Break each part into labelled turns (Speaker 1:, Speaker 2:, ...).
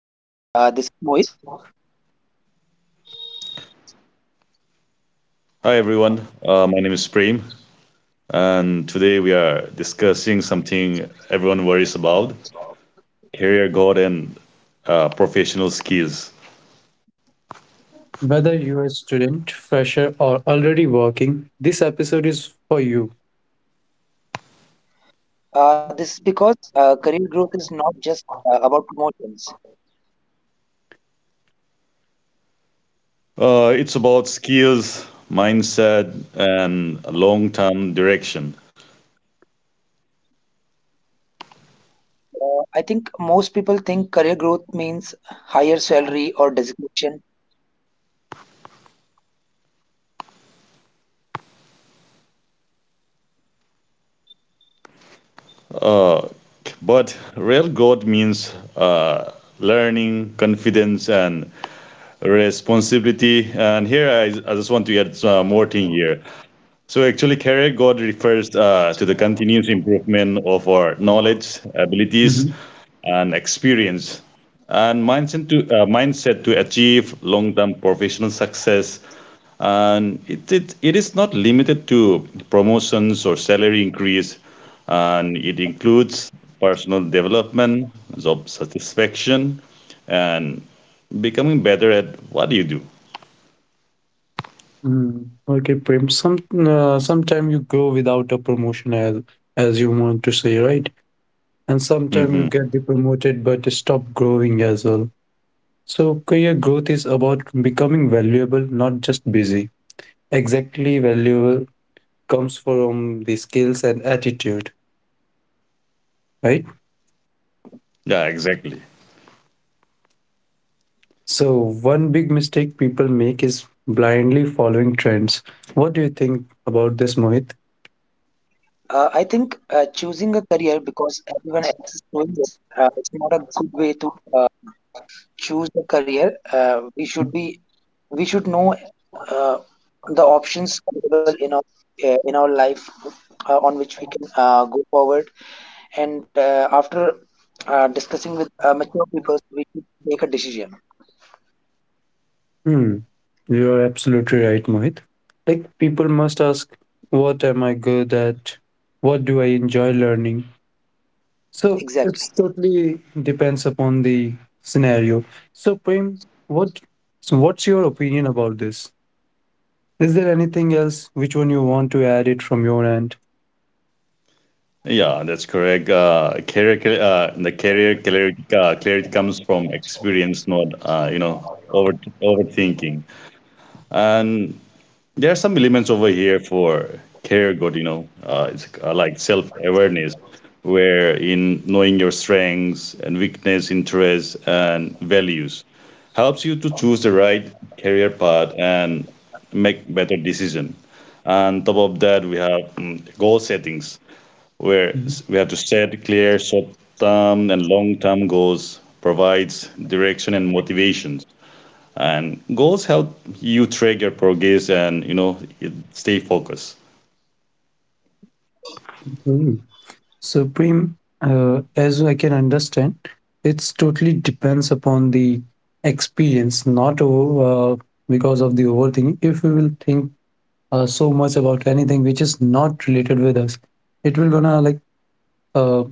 Speaker 1: Hi everyone, this is Mohit.
Speaker 2: Hi everyone, my name is Prem, and today we are discussing something everyone worries about career growth and professional skills.
Speaker 3: Whether you're a student, fresher, or already working, this episode is for you.
Speaker 1: This is because career growth is not just about promotions.
Speaker 2: It's about skills, mindset, and long term direction.
Speaker 1: I think most people think career growth means higher salary or designation.
Speaker 2: But real growth means learning, confidence, and responsibility. And here I just want to add some more thing here. So actually, career God refers to the continuous improvement of our knowledge, abilities,
Speaker 3: Mhm.
Speaker 2: and experience, and mindset to achieve long-term professional success. And it is not limited to promotions or salary increase, and it includes personal development, job satisfaction, and becoming better at what you do.
Speaker 3: Mm. Okay, Prem. Sometime you go without a promotion, as you want to say, right? And sometime you get promoted but stop growing as well. So career growth is about becoming valuable, not just busy. Exactly, valuable comes from the skills and attitude, right?
Speaker 2: Yeah, exactly.
Speaker 3: So, one big mistake people make is blindly following trends. What do you think about this, Mohit?
Speaker 1: I think choosing a career because everyone else is doing it, it's not a good way to choose a career. We should know uh, the options available in our life on which we can go forward and after discussing with mature people, we should take a decision.
Speaker 3: Hmm, you are absolutely right, Mohit. Like, people must ask, what am I good at? What do I enjoy learning? So,
Speaker 1: Exactly.
Speaker 3: it's totally depends upon the scenario. So, Prem, what, so what's your opinion about this? Is there anything else which one you want to add it from your end?
Speaker 2: Yeah, that's correct. The career clarity, clarity comes from experience, not over overthinking. And there are some elements over here for career good. It's like self awareness, where in knowing your strengths and weakness, interests and values, helps you to choose the right career path and make better decision. And top of that, we have goal settings where we have to set clear short-term and long-term goals, provides direction and motivations. And goals help you track your progress and you know you stay focused.
Speaker 3: Mhm. Supreme, as I can understand, it's totally depends upon the experience, not because of the overthinking. If we will think so much about anything which is not related with us, it will gonna like uh,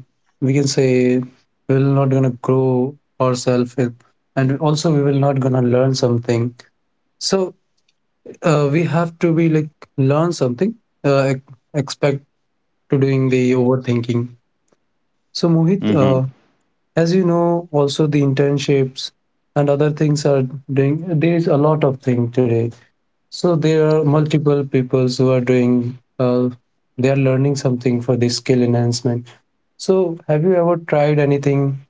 Speaker 3: we can say we will not gonna grow ourselves, and also we will not gonna learn something. So we have to be like learn something. Uh, ex- Expect to doing the overthinking. So Mohit,
Speaker 2: Mm-hmm.
Speaker 3: as you know, also the internships and other things are doing. There is a lot of thing today. So there are multiple peoples who are doing. They are learning something for this skill enhancement. So have you ever tried anything?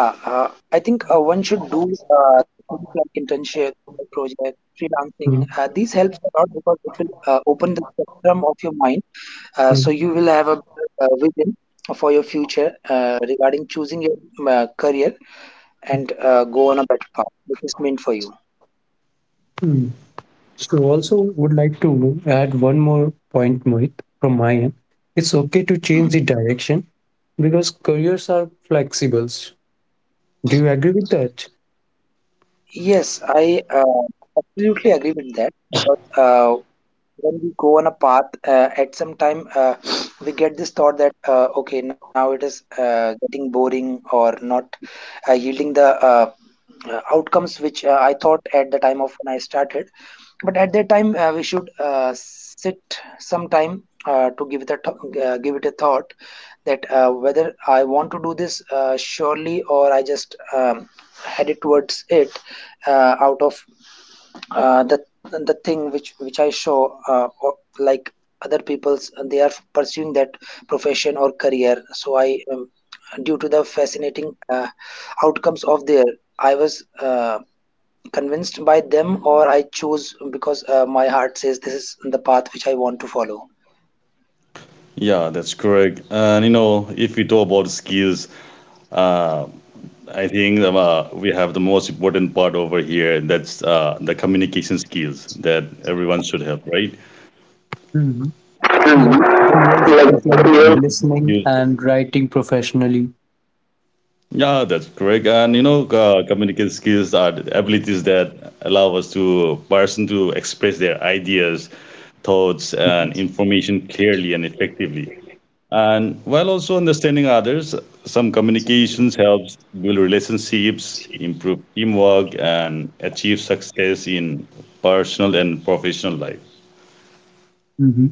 Speaker 1: Yeah, I think one should do things like internship, project, freelancing.
Speaker 3: Mm,
Speaker 1: These helps a lot because it will open the spectrum of your mind, so you
Speaker 3: mm,
Speaker 1: will have a vision for your future regarding choosing your career, and go on a better path which is meant for you.
Speaker 3: mm. So also would like to add one more point, Mohit, from my end. It's okay to change the direction because careers are flexible. Do you agree with that?
Speaker 1: Yes, I absolutely agree with that, but when we go on a path, at some time we get this thought that okay, now it is getting boring or not yielding the outcomes which I thought at the time of when I started. But at that time we should sit some time to give it a give it a thought, that whether I want to do this surely, or I just headed towards it out of the thing which I show, like other people's, they are pursuing that profession or career. So I, due to the fascinating outcomes of their I was convinced by them, or I choose because my heart says this is the path which I want to follow.
Speaker 2: Yeah, that's correct. And you know, if we talk about skills, I think we have the most important part over here. That's the communication skills that everyone should have, right?
Speaker 3: Like clear speaking, listening, and writing professionally.
Speaker 2: Yeah, that's correct. And you know, communication skills are the abilities that allow us to person to express their ideas, thoughts, and information clearly and effectively. And while also understanding others, some communications helps build relationships, improve teamwork, and achieve success in personal and professional life.
Speaker 3: Mm-hmm.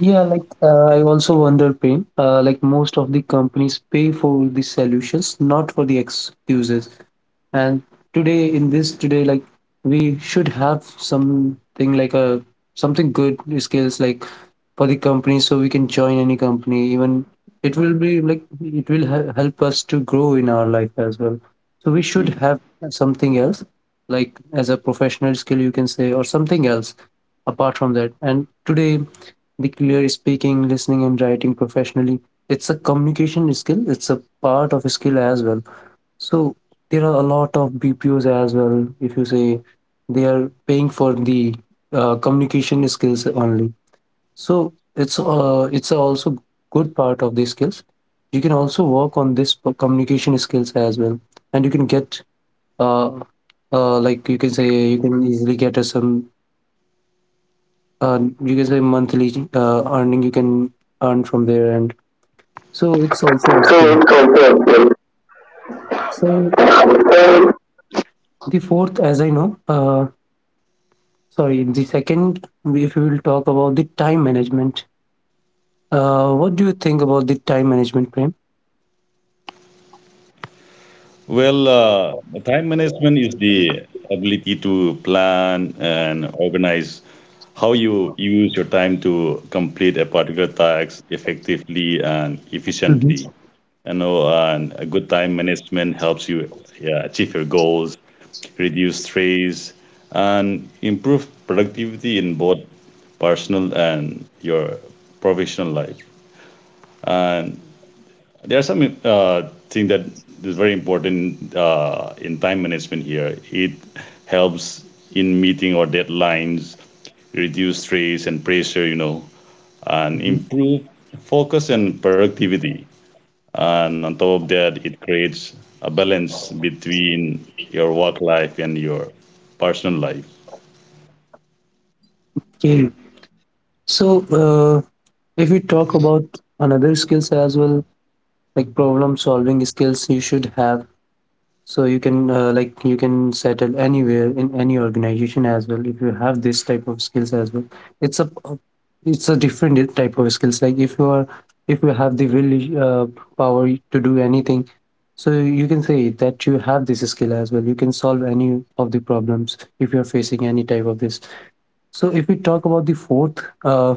Speaker 3: Yeah, like I also wonder, Pain. Like most of the companies pay for the solutions, not for the excuses. And today in this today like we should have something like a something good skills like for the company so we can join any company even it will be like it will help us to grow in our life as well so we should have something else like as a professional skill you can say or something else apart from that. And today the clear speaking, listening, and writing professionally, it's a communication skill, it's a part of a skill as well. So there are a lot of BPOs as well. If you say they are paying for the communication skills only, so it's also good part of the skills. You can also work on this communication skills as well, and you can get uh, like you can say you can easily get a some uh, you can say monthly earning you can earn from there, and so it's also a
Speaker 1: True,
Speaker 3: skill.
Speaker 1: true, true, true.
Speaker 3: So
Speaker 1: So.
Speaker 3: the fourth, as I know, sorry, the second, if we will talk about the time management. What do you think about the time management, Prem?
Speaker 2: Well, uh, time management is the ability to plan and organize how you use your time to complete a particular task effectively and efficiently.
Speaker 3: Hmm.
Speaker 2: You know, and a good time management helps you yeah, achieve your goals, reduce stress, and improve productivity in both personal and your professional life. And there are some thing that is very important in time management here. It helps in meeting or deadlines, reduce stress and pressure, you know, and
Speaker 3: Mhm.
Speaker 2: improve focus and productivity. And on top of that, it creates a balance between your work life and your personal life.
Speaker 3: Okay. So, uh, if we talk about another skills as well, like problem solving skills, you should have. So you can like you can settle anywhere in any organization as well if you have this type of skills as well. It's a it's a different type of skills. Like if you are if you have the will power to do anything, so you can say that you have this skill as well. You can solve any of the problems if you are facing any type of this. So if we talk about the fourth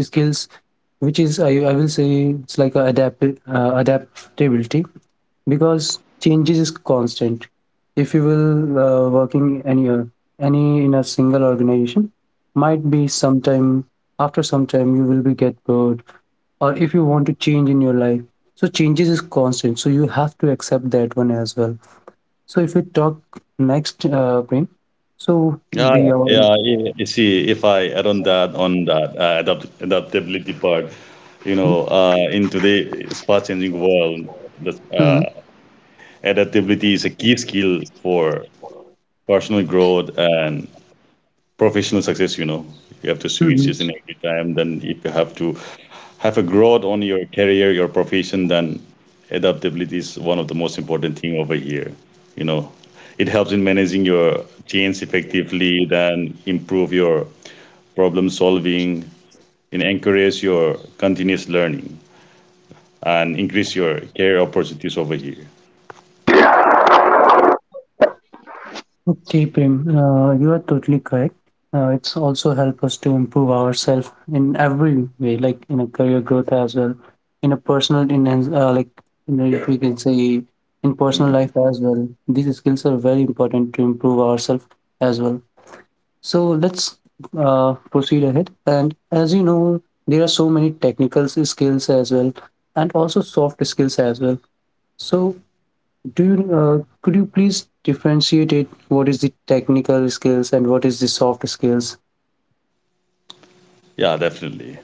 Speaker 3: skills, which is I will say it's like a adaptability because changes is constant. If you will working any in a single organization, might be sometime after some time you will be get bored, or if you want to change in your life. So changes is constant. So you have to accept that one as well. So if we talk next, Prem, so
Speaker 2: Ah,
Speaker 3: the
Speaker 2: Yeah, yeah. i- You see, if I add on that, uh, adaptability part, you know, in today's fast-changing world, the
Speaker 3: mhm,
Speaker 2: adaptability is a key skill for personal growth and professional success, you know. You have to switch
Speaker 3: mhm.
Speaker 2: each in every time. Then if you have to have a growth on your career, your profession, then adaptability is one of the most important thing over here. You know, it helps in managing your change effectively, then improve your problem solving, and encourage your continuous learning and increase your career opportunities over here.
Speaker 3: Okay, Prem, you are totally correct. It's also help us to improve ourselves in every way, like in a career growth as well, in a personal, in like you know, if we can say in personal life as well. These skills are very important to improve ourselves as well. So let's proceed ahead. And as you know, there are so many technical skills as well, and also soft skills as well. So do you, could you please differentiate it? What is the technical skills and what is the soft skills?
Speaker 2: Yeah, definitely.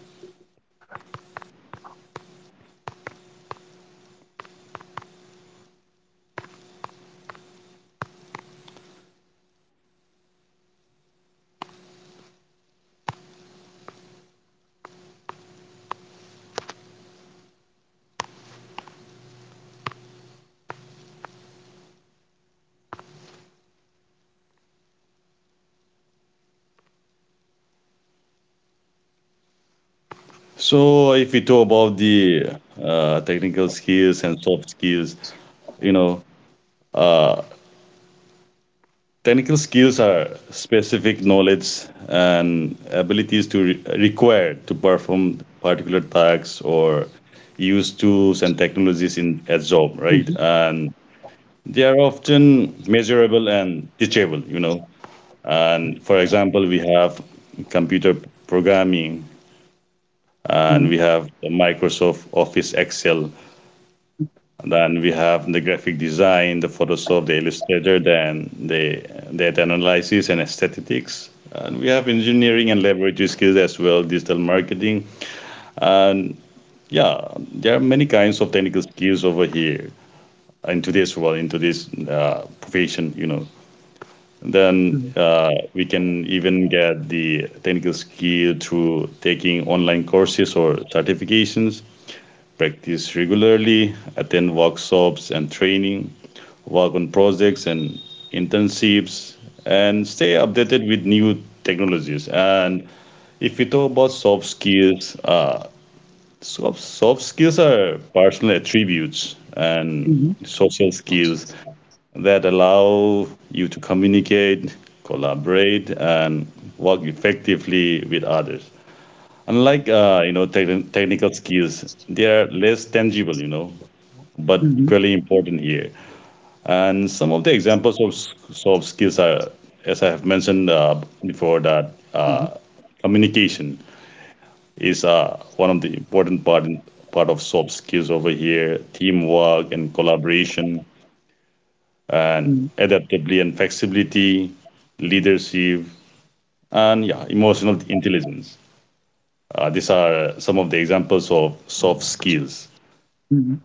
Speaker 2: So if we talk about the technical skills and soft skills, you know, technical skills are specific knowledge and abilities to required to perform particular tasks or use tools and technologies in a job, right?
Speaker 3: Mhm,
Speaker 2: And they are often measurable and teachable, you know. And for example, we have computer programming
Speaker 3: mhm,
Speaker 2: and we have Microsoft Office Excel. Then we have the graphic design, the Photoshop, the Illustrator, then the data analysis and aesthetics. And we have engineering and laboratory skills as well, digital marketing. And yeah, there are many kinds of technical skills over here in today's world, into this profession, you know. Then
Speaker 3: mhm,
Speaker 2: we can even get the technical skill through taking online courses or certifications, practice regularly, attend workshops and training, work on projects and internships, and stay updated with new technologies. And if we talk about soft skills, soft skills are personal attributes and
Speaker 3: mhm,
Speaker 2: social skills that allow you to communicate, collaborate, and work effectively with others. Unlike technical skills, they are less tangible. You know, but equally important here. And some of the examples of soft skills are, as I have mentioned before, that
Speaker 3: mhm,
Speaker 2: communication is one of the important part of soft skills over here. Teamwork and collaboration, and
Speaker 3: mhm,
Speaker 2: adaptability and flexibility, leadership, and yeah, emotional intelligence. These are some of the examples of soft skills.
Speaker 3: mhm.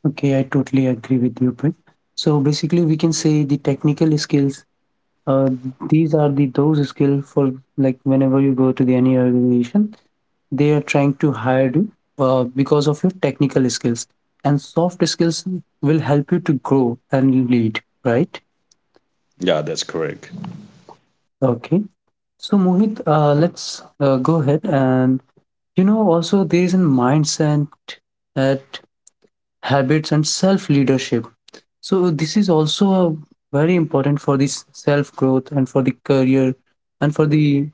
Speaker 3: Okay, I totally agree with you, Prit. So basically, we can say the technical skills. Uh, these are the those skills for like whenever you go to the any organization, they are trying to hire you because of your technical skills. And soft skills will help you to grow and lead, right?
Speaker 2: Yeah, that's correct.
Speaker 3: Okay. So, Mohit, let's go ahead. And, you know, also there is a mindset at habits and self leadership. So, this is also a very important for this self growth and for the career and for the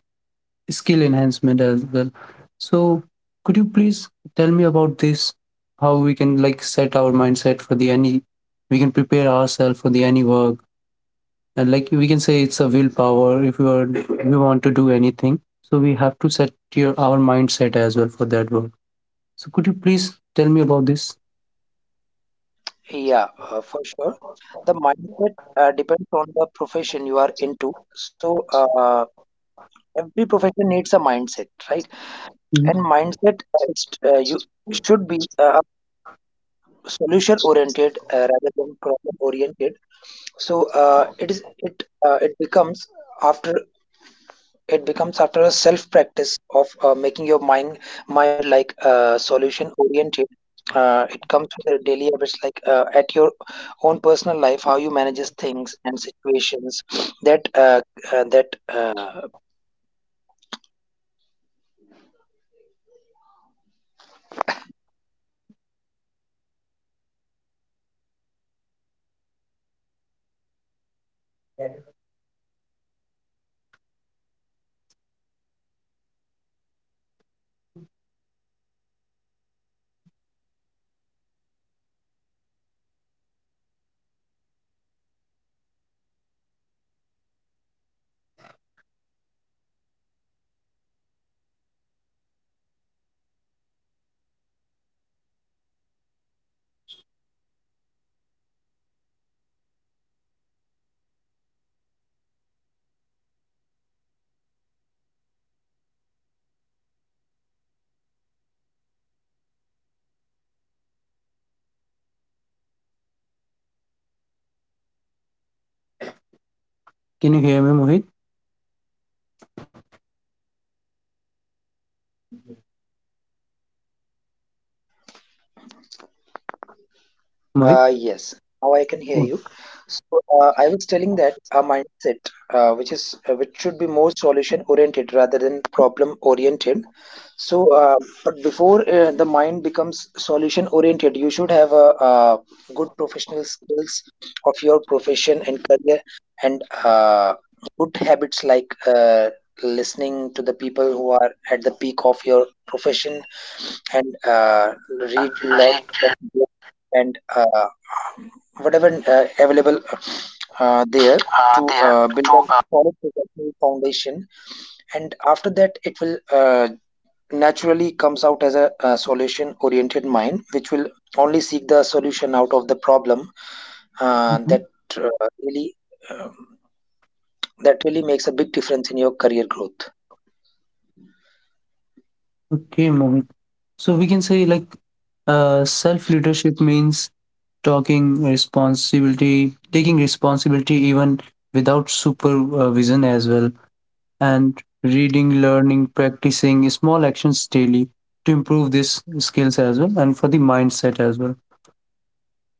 Speaker 3: skill enhancement as well. So, could you please tell me about this? How we can like set our mindset for the any, we can prepare ourselves for the any work, and like we can say it's a willpower if we are we want to do anything so we have to set your our mindset as well for that work. So could you please tell me about this?
Speaker 1: Yeah, for sure. The mindset depends on the profession you are into. So every profession needs a mindset, right?
Speaker 3: Mhm.
Speaker 1: And mindset, it's, you should be solution oriented, rather than problem oriented. So it becomes after a self practice of making your mind like solution oriented. It comes with the daily habits, like at your own personal life, how you manages things and situations, that that
Speaker 3: Can you hear me, Mohit? Mohit.
Speaker 1: Yes, now I can hear you.
Speaker 3: Okay.
Speaker 1: So I was telling that a mindset which is which should be more solution oriented rather than problem oriented. So, but before the mind becomes solution oriented, you should have a, good professional skills of your profession and career, and good habits like listening to the people who are at the peak of your profession, and read lot
Speaker 2: Read
Speaker 1: of, and whatever available there, to
Speaker 2: there
Speaker 1: build
Speaker 2: to
Speaker 1: a solid professional foundation. And after that, it will naturally comes out as a, solution oriented mind which will only seek the solution out of the problem,
Speaker 3: Mhm.
Speaker 1: that uh, really, um, that really makes a big difference in your career growth.
Speaker 3: Okay, Mohit, so we can say like self leadership means talking responsibility taking responsibility even without supervision as well, and reading, learning, practicing small actions daily to improve these skills as well and for the mindset as well.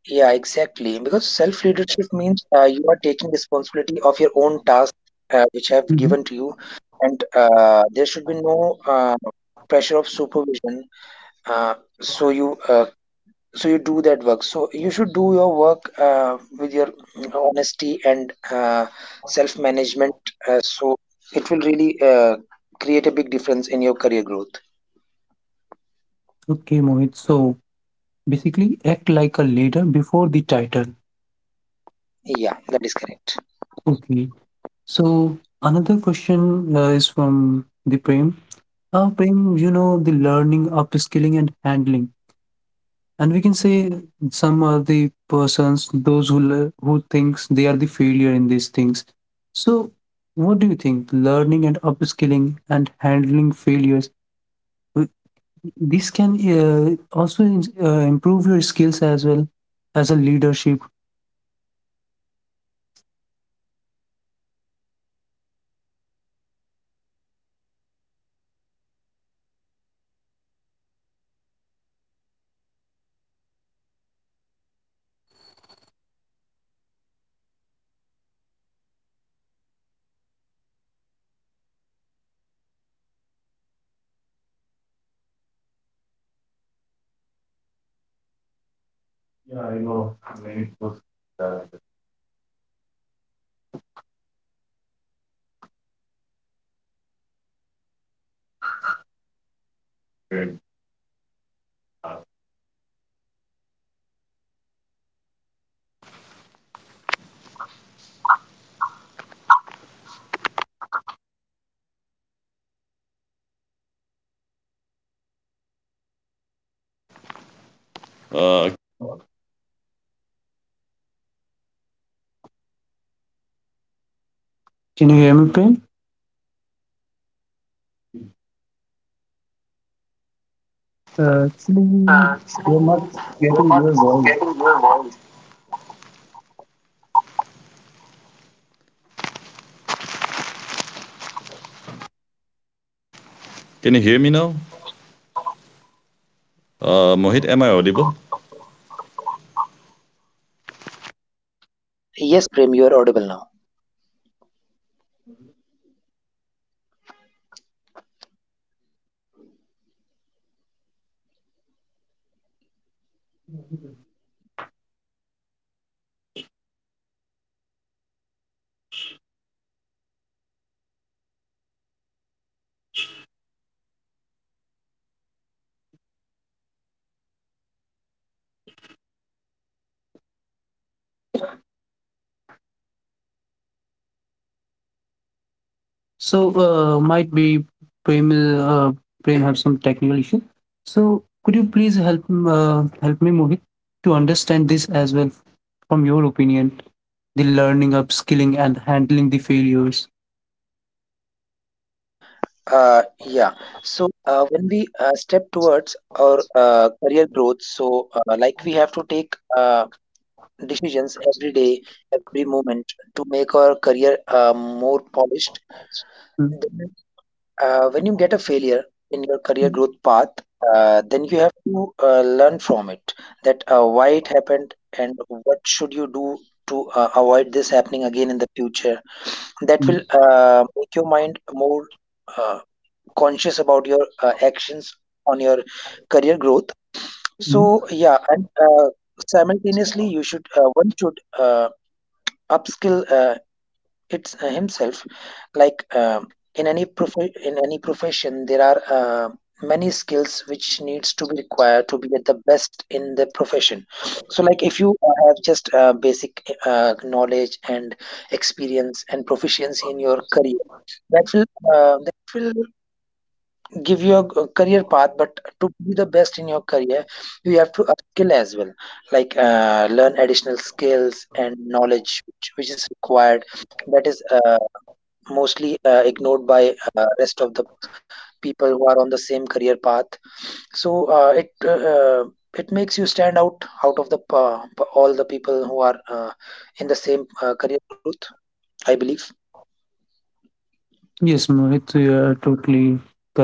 Speaker 1: Yeah, exactly. Because self leadership means you are taking responsibility of your own tasks, which I have
Speaker 3: Mhm.
Speaker 1: given to you, and there should be no pressure of supervision. Uh, so you uh, so you do that work. So you should do your work with your you honesty and self management. So it will really create a big difference in your career growth.
Speaker 3: Okay, Mohit. So basically, act like a leader before the title.
Speaker 1: Yeah, that is correct.
Speaker 3: Okay. So another question is from the Prem. Prem, you know the learning, upskilling, and handling. And we can say some are the persons those who who thinks they are the failure in these things. So what do you think learning and upskilling and handling failures w- this can also improve your skills as well as a leadership?
Speaker 2: Uh,
Speaker 3: Can you hear me, Prem? Actually, you are not
Speaker 2: actually,
Speaker 3: getting
Speaker 2: you're
Speaker 3: your
Speaker 2: not
Speaker 3: voice.
Speaker 2: getting your voice. Can you hear me now? Mohit, am I audible?
Speaker 1: Yes, Prem, you are audible now.
Speaker 3: So, might be Prem, Prem have some technical issue. So, could you please help help me, Mohit, to understand this as well from your opinion, the learning, upskilling, and handling the failures.
Speaker 1: Yeah. So when we step towards our career growth, so like we have to take decisions every day, every moment, to make our career more polished.
Speaker 3: Mm,
Speaker 1: Then, when you get a failure in your
Speaker 3: mm,
Speaker 1: career growth path, then you have to learn from it, that why it happened and what should you do to avoid this happening again in the future. That
Speaker 3: mm,
Speaker 1: will make your mind more uh, conscious about your actions on your career growth.
Speaker 3: mm.
Speaker 1: So yeah, and simultaneously you should one should upskill it's himself. Like, in any in any profession there are many skills which needs to be required to be at the best in the profession. So like if you have just basic knowledge and experience and proficiency in your career, that will uh, give you a career path. But to be the best in your career, you have to upskill as well, like learn additional skills and knowledge which is required, that is mostly ignored by rest of the people who are on the same career path. So it makes you stand out out of the all the people who are in the same career growth, I believe.
Speaker 3: Yes, Mohit, you are totally correct.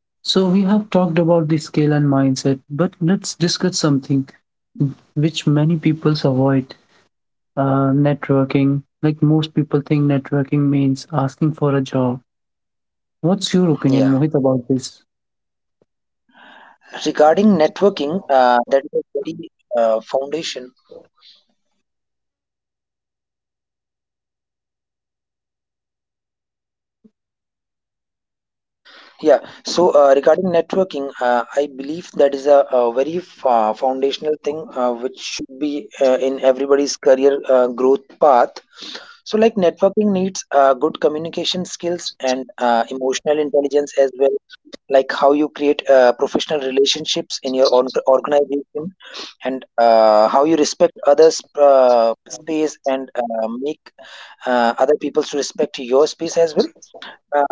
Speaker 3: So we have talked about the skill and mindset, but let's discuss something which many people avoid: networking. Like most people think networking means asking for a job. What's your opinion,
Speaker 1: Yeah,
Speaker 3: Mohit, about this?
Speaker 1: regarding networking, that is a very foundation Yeah, so regarding networking, I believe that is a very foundational thing which should be in everybody's career growth path. So, like networking needs good communication skills and emotional intelligence as well, like how you create professional relationships in your organization, and how you respect others' space and make other people to respect your space as well. Uh,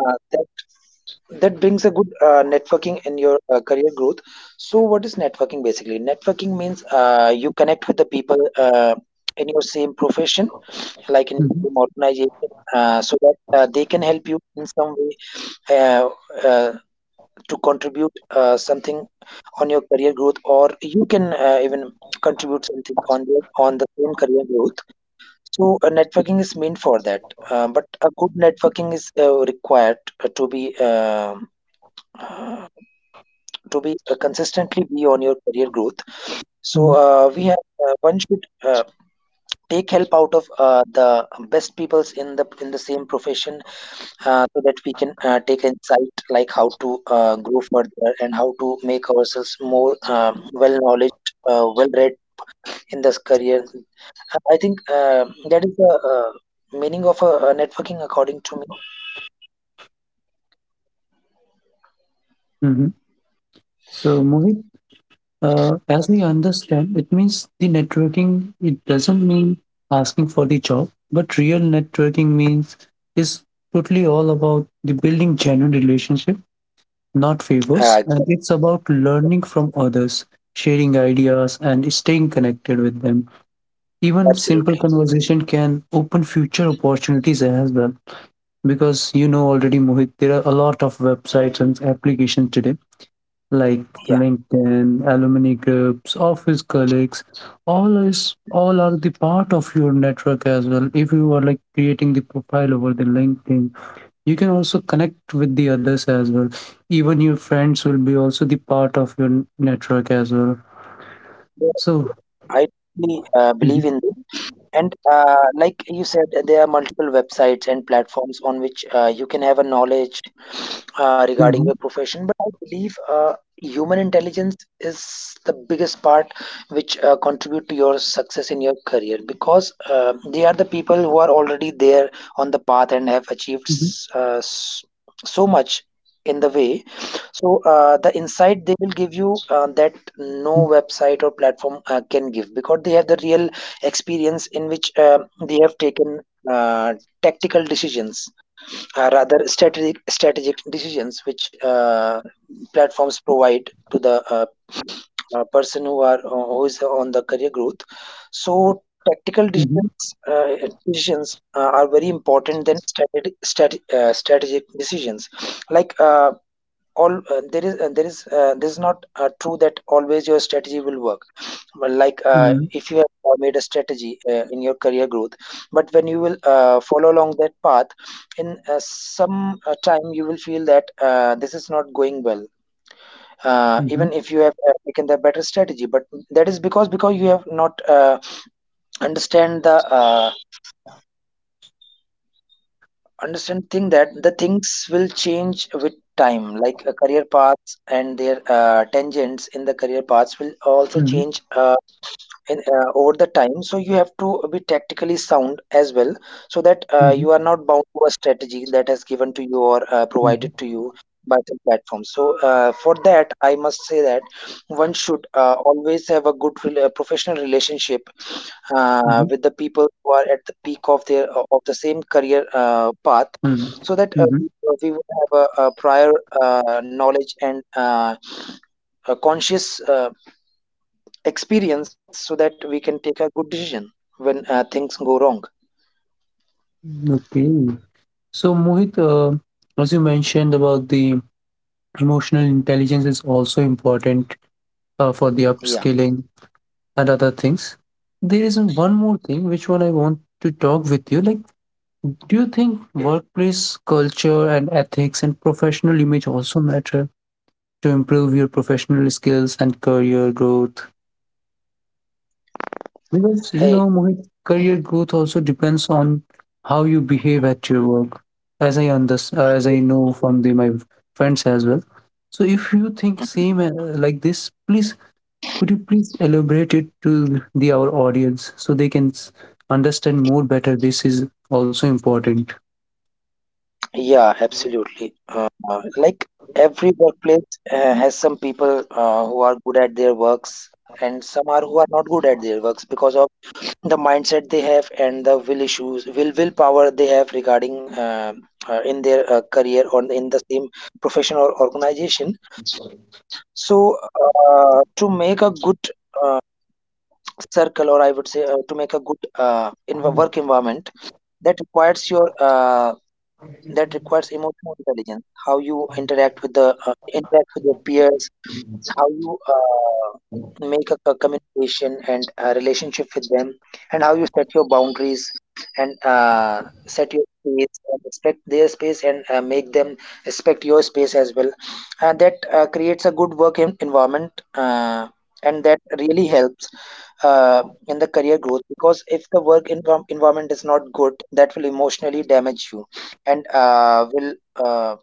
Speaker 1: that brings a good networking in your career growth. So what is networking? Basically, networking means you connect with the people in your same profession, like in
Speaker 3: Mhm.
Speaker 1: your same organization, so that they can help you in some way, uh, to contribute something on your career growth, or you can even contribute something on the same career growth. So networking is meant for that. But a good networking is required to be, to be consistently be on your career growth. So we have one should uh, take help out of the best peoples in the same profession, so that we can take insight like how to grow further and how to make ourselves more, well knowledge, well read in this career. I think that is the meaning of a, networking according to me.
Speaker 3: Mhm. So, Mohit, as we understand, it means the networking, it doesn't mean asking for the job, but real networking means is totally all about the building genuine relationship, not favors.
Speaker 1: uh,
Speaker 3: And it's about learning from others, sharing ideas, and staying connected with them. Even simple
Speaker 1: Absolutely.
Speaker 3: conversation can open future opportunities as well. Because you know already, Mohit, there are a lot of websites and applications today, like
Speaker 1: Yeah.
Speaker 3: LinkedIn, alumni groups, office colleagues, all is all are the part of your network as well. If you are like creating the profile over the LinkedIn, you can also connect with the others as well. Even your friends will be also the part of your network as well.
Speaker 1: So
Speaker 3: So
Speaker 1: I totally,
Speaker 3: mhm,
Speaker 1: believe in this. And like you said, there are multiple websites and platforms on which you can have a knowledge
Speaker 3: mhm,
Speaker 1: regarding your profession. But I believe human intelligence is the biggest part which contribute to your success in your career, because
Speaker 3: mhm,
Speaker 1: they are the people who are already there on the path and have achieved, so much in the way. So the insight they will give you, that no website or platform can give, because they have the real experience in which they have taken uh, tactical decisions, rather strategic, decisions which platforms provide to the person who are who is on the career growth.
Speaker 3: mhm,
Speaker 1: So tactical decisions, are very important than strategic, strategic decisions. Like all there is this is not true that always your strategy will work. But
Speaker 3: mhm,
Speaker 1: like
Speaker 3: mhm,
Speaker 1: if you have made a strategy in your career growth, but when you will follow along that path, in some time you will feel that this is not going well,
Speaker 3: mhm,
Speaker 1: even if you have taken the better strategy. But that is because you have not understand the, understand thing that the things will change with time. Like career paths and their tangents in the career paths will also change, over the time. So you have to be tactically sound as well, so that
Speaker 3: mhm, mhm,
Speaker 1: you are not bound to a strategy that has given to you or provided to you by the platform. So for that, I must say that one should always have a good professional relationship
Speaker 3: mhm,
Speaker 1: with the people who are at the peak of their of the same career path,
Speaker 3: mhm,
Speaker 1: so that
Speaker 3: mhm.
Speaker 1: we would have a prior knowledge and a conscious experience, so that we can take a good decision when things go wrong.
Speaker 3: Okay. So, Mohit, as you mentioned about the emotional intelligence is also important for the
Speaker 1: Yeah.
Speaker 3: upskilling and other things. There is one more thing which one I want to talk with you. Like, do you think workplace culture and ethics and professional image also matter to improve your professional skills and career growth? Because you know,
Speaker 1: I,
Speaker 3: Mohit, career growth also depends on how you behave at your work, as I know from the my friends as well. So if you think same like this, please could you please elaborate it to the our audience so they can understand more better. This is also important.
Speaker 1: yeah, absolutely. Like every workplace has some people who are good at their works, and some are who are not good at their works because of the mindset they have and the will issues will willpower they have regarding in their career or in the same profession or organization. So To make a good uh, circle, or I would say to make a good in work environment, that requires your that requires emotional intelligence, how you interact with the interact with your peers, how you make a communication and a relationship with them, and how you set your boundaries, and set your space and respect their space, and make them respect your space as well. And that creates a good environment, and that really helps in the career growth, because if the environment is not good, that will emotionally damage you, and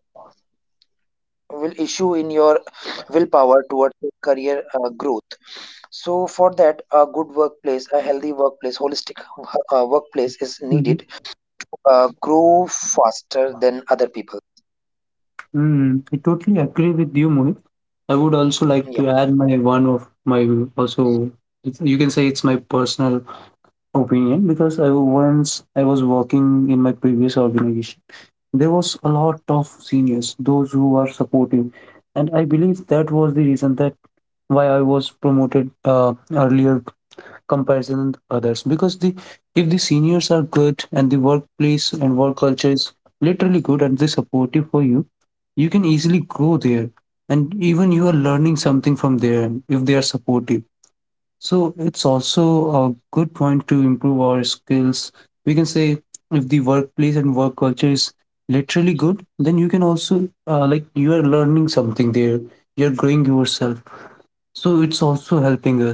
Speaker 1: will issue in your willpower towards your career growth. So for that, a good workplace, a healthy workplace, holistic workplace is
Speaker 3: Mhm.
Speaker 1: needed. Grow faster than other people.
Speaker 3: Mm, I totally agree with you, Mohit. I would also like to
Speaker 1: Yeah.
Speaker 3: add my one of my also, it's- you can say it's my personal opinion because I once I was working in my previous organization. There was a lot of seniors, those who are supportive, and I believe that was the reason that why I was promoted earlier comparison with others. Because the if the seniors are good and the workplace and work culture is literally good and they supportive for you, you can easily grow there, and even you are learning something from there if they are supportive, so it's also a good point to improve our skills. We can say if the workplace and work culture is literally good, then you can also like you are learning something there. You're growing yourself. So it's also helping us.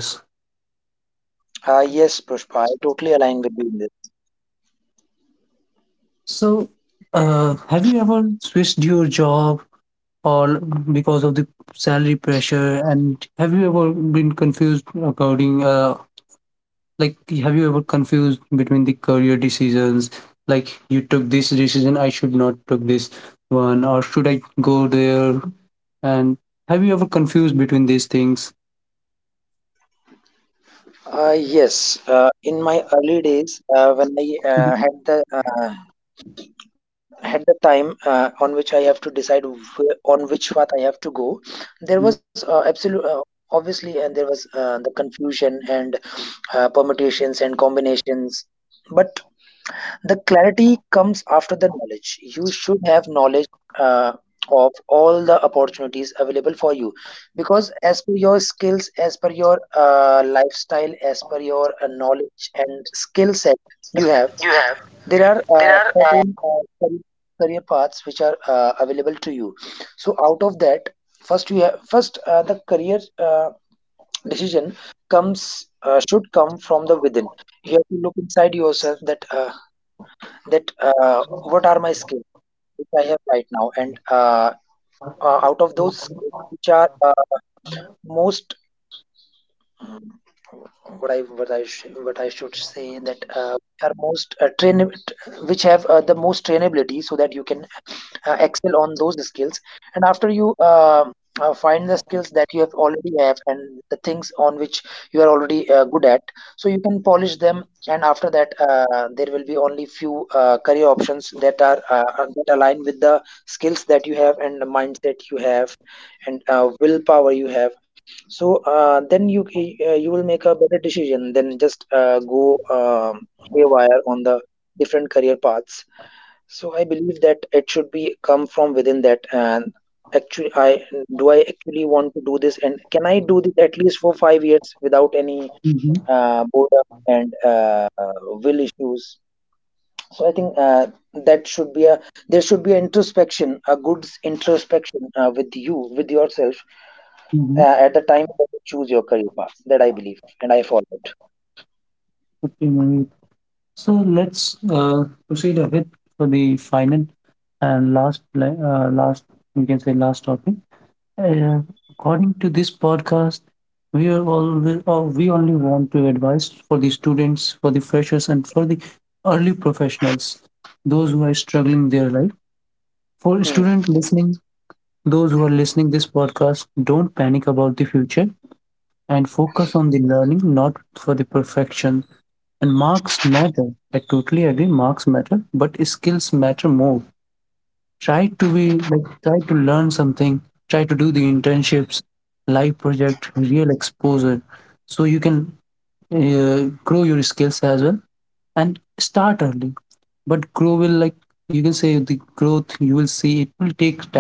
Speaker 1: Yes, Pushpa, I totally align with you in this.
Speaker 3: So have you ever switched your job or because of the salary pressure, and have you ever been confused according like have you ever confused between the career decisions, like you took this decision I should not took this one or should I go there, and have you ever confused between these things?
Speaker 1: uh, yes. In my early days, uh, when i
Speaker 3: Mhm,
Speaker 1: uh, had the at the time on which I have to decide on which path I have to go, there was absolute, obviously, and there was the confusion and permutations and combinations. But the clarity comes after the knowledge. You should have knowledge uh, of all the opportunities available for you, because as per your skills, as per your lifestyle, as per your knowledge and skill set
Speaker 2: Set
Speaker 1: you have,
Speaker 2: you have.
Speaker 1: there are
Speaker 2: There are
Speaker 1: certain career paths which are available to you. So out of that, first you have first the career uh, decision comes, should come from the within. You have to look inside yourself that that uh, what are my skills which I have right now, and out of those skills, which are most, what I sh what I should say that are most train which have the most trainability, so that you can excel on those skills. And after you find the skills that you have, and the things on which you are already good at, so you can polish them. And after that, there will be only few career options that are that align with the skills that you have and the mindset you have, and willpower you have. So then you you will make a better decision than just go haywire on the different career paths. So I believe that it should be come from within that. And actually, I, do I actually want to do this, and can I do this at least for 5 years without any
Speaker 3: mhm,
Speaker 1: boredom and will issues? So I think that should be a, there should be an introspection, a good introspection with yourself
Speaker 3: mhm.
Speaker 1: at the time when you choose your career path. That I believe and I followed.
Speaker 3: Okay, Mohit. So let's proceed a bit for the final and last last, we can say last topic. Uh, According to this podcast, we are all oh, we only want to advise for the students, for the freshers, and for the early professionals, those who are struggling their life. For student
Speaker 1: Hmm.
Speaker 3: listening, those who are listening this podcast, don't panic about the future and focus on the learning, not for the perfection. And marks matter. I totally agree, marks matter, but skills matter more. Try to be like try to learn something, try to do the internships, live project, real exposure, so you can grow your skills as well. And start early, but grow will like you can say the growth you will see it will take time,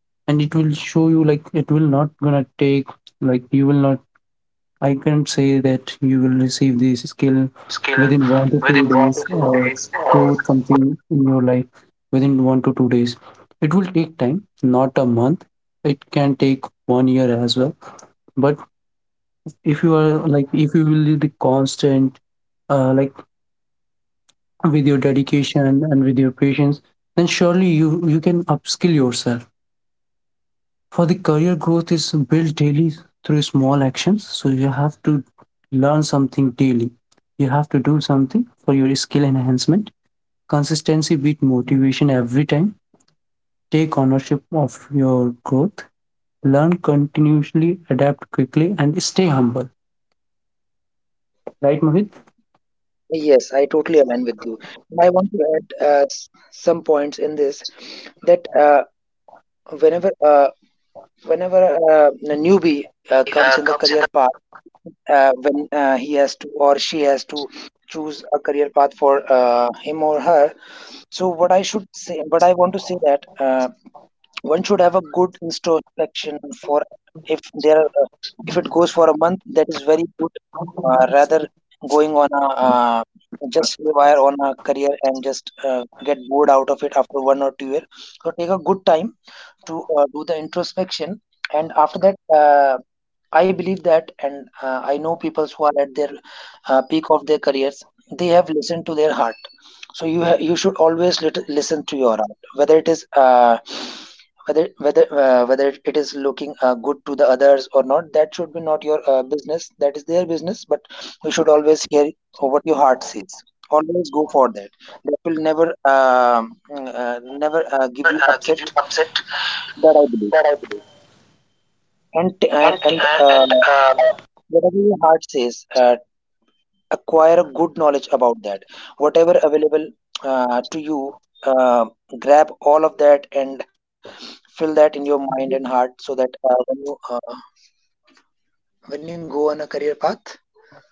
Speaker 3: and it will show you like it will not gonna take like you will not, I can say that you will receive this skill within
Speaker 2: skill
Speaker 3: one to two
Speaker 2: within
Speaker 3: days
Speaker 2: one to
Speaker 3: or
Speaker 2: two days
Speaker 3: growth something in your life within 1 to 2 days. It will take time, not a month. It can take 1 year as well. But if you are like, if you will be constant, like with your dedication and with your patience, then surely you can upskill yourself. For the career growth is built daily through small actions. So you have to learn something daily. You have to do something for your skill enhancement. Consistency beat motivation every time. Take ownership of your growth. Learn continuously, adapt quickly, and stay humble. Right, Mohit?
Speaker 1: Yes, I totally align with you. I want to add some points in this, that whenever uh, whenever a newbie comes in the career
Speaker 2: comes in
Speaker 1: path, when he has to or she has to choose a career path for him or her. So what I should say, what I want to say, that one should have a good introspection for, if there are- if it goes for a month, that is very good, rather going on a just rewire on a career and just get bored out of it after 1 or 2 year. So take a good time to do the introspection. And after that, I believe that. And I know people who are at their peak of their careers, they have listened to their heart. So you should always listen to your heart, whether it is whether it is looking good to the others or not, that should be not your business, that is their business. But you should always hear what your heart says, always go for that. That will never never
Speaker 2: the
Speaker 1: give
Speaker 2: never
Speaker 1: you
Speaker 2: give you
Speaker 1: upset,
Speaker 2: upset
Speaker 1: that I believe.
Speaker 2: that I believe.
Speaker 1: and and, and uh,
Speaker 2: And
Speaker 1: whatever your heart says, acquire a good knowledge about that, whatever available to you. uh, Grab all of that and fill that in your mind and heart, so that when you go on a career path, so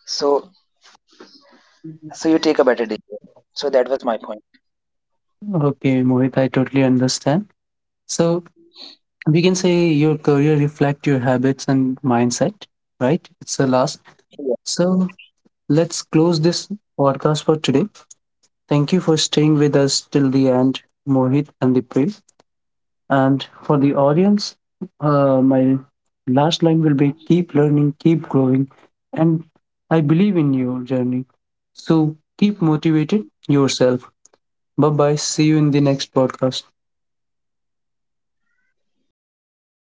Speaker 1: so you take a better decision. So that was my point.
Speaker 3: Okay, Mohit, I totally understand. So we can say your career reflect your habits and mindset, right? It's the last. So let's close this podcast for today. Thank you for staying with us till the end, Mohit and Dipesh. And for the audience, my last line will be keep learning, keep growing. And I believe in your journey. So keep motivated yourself. Bye bye. See you in the next podcast.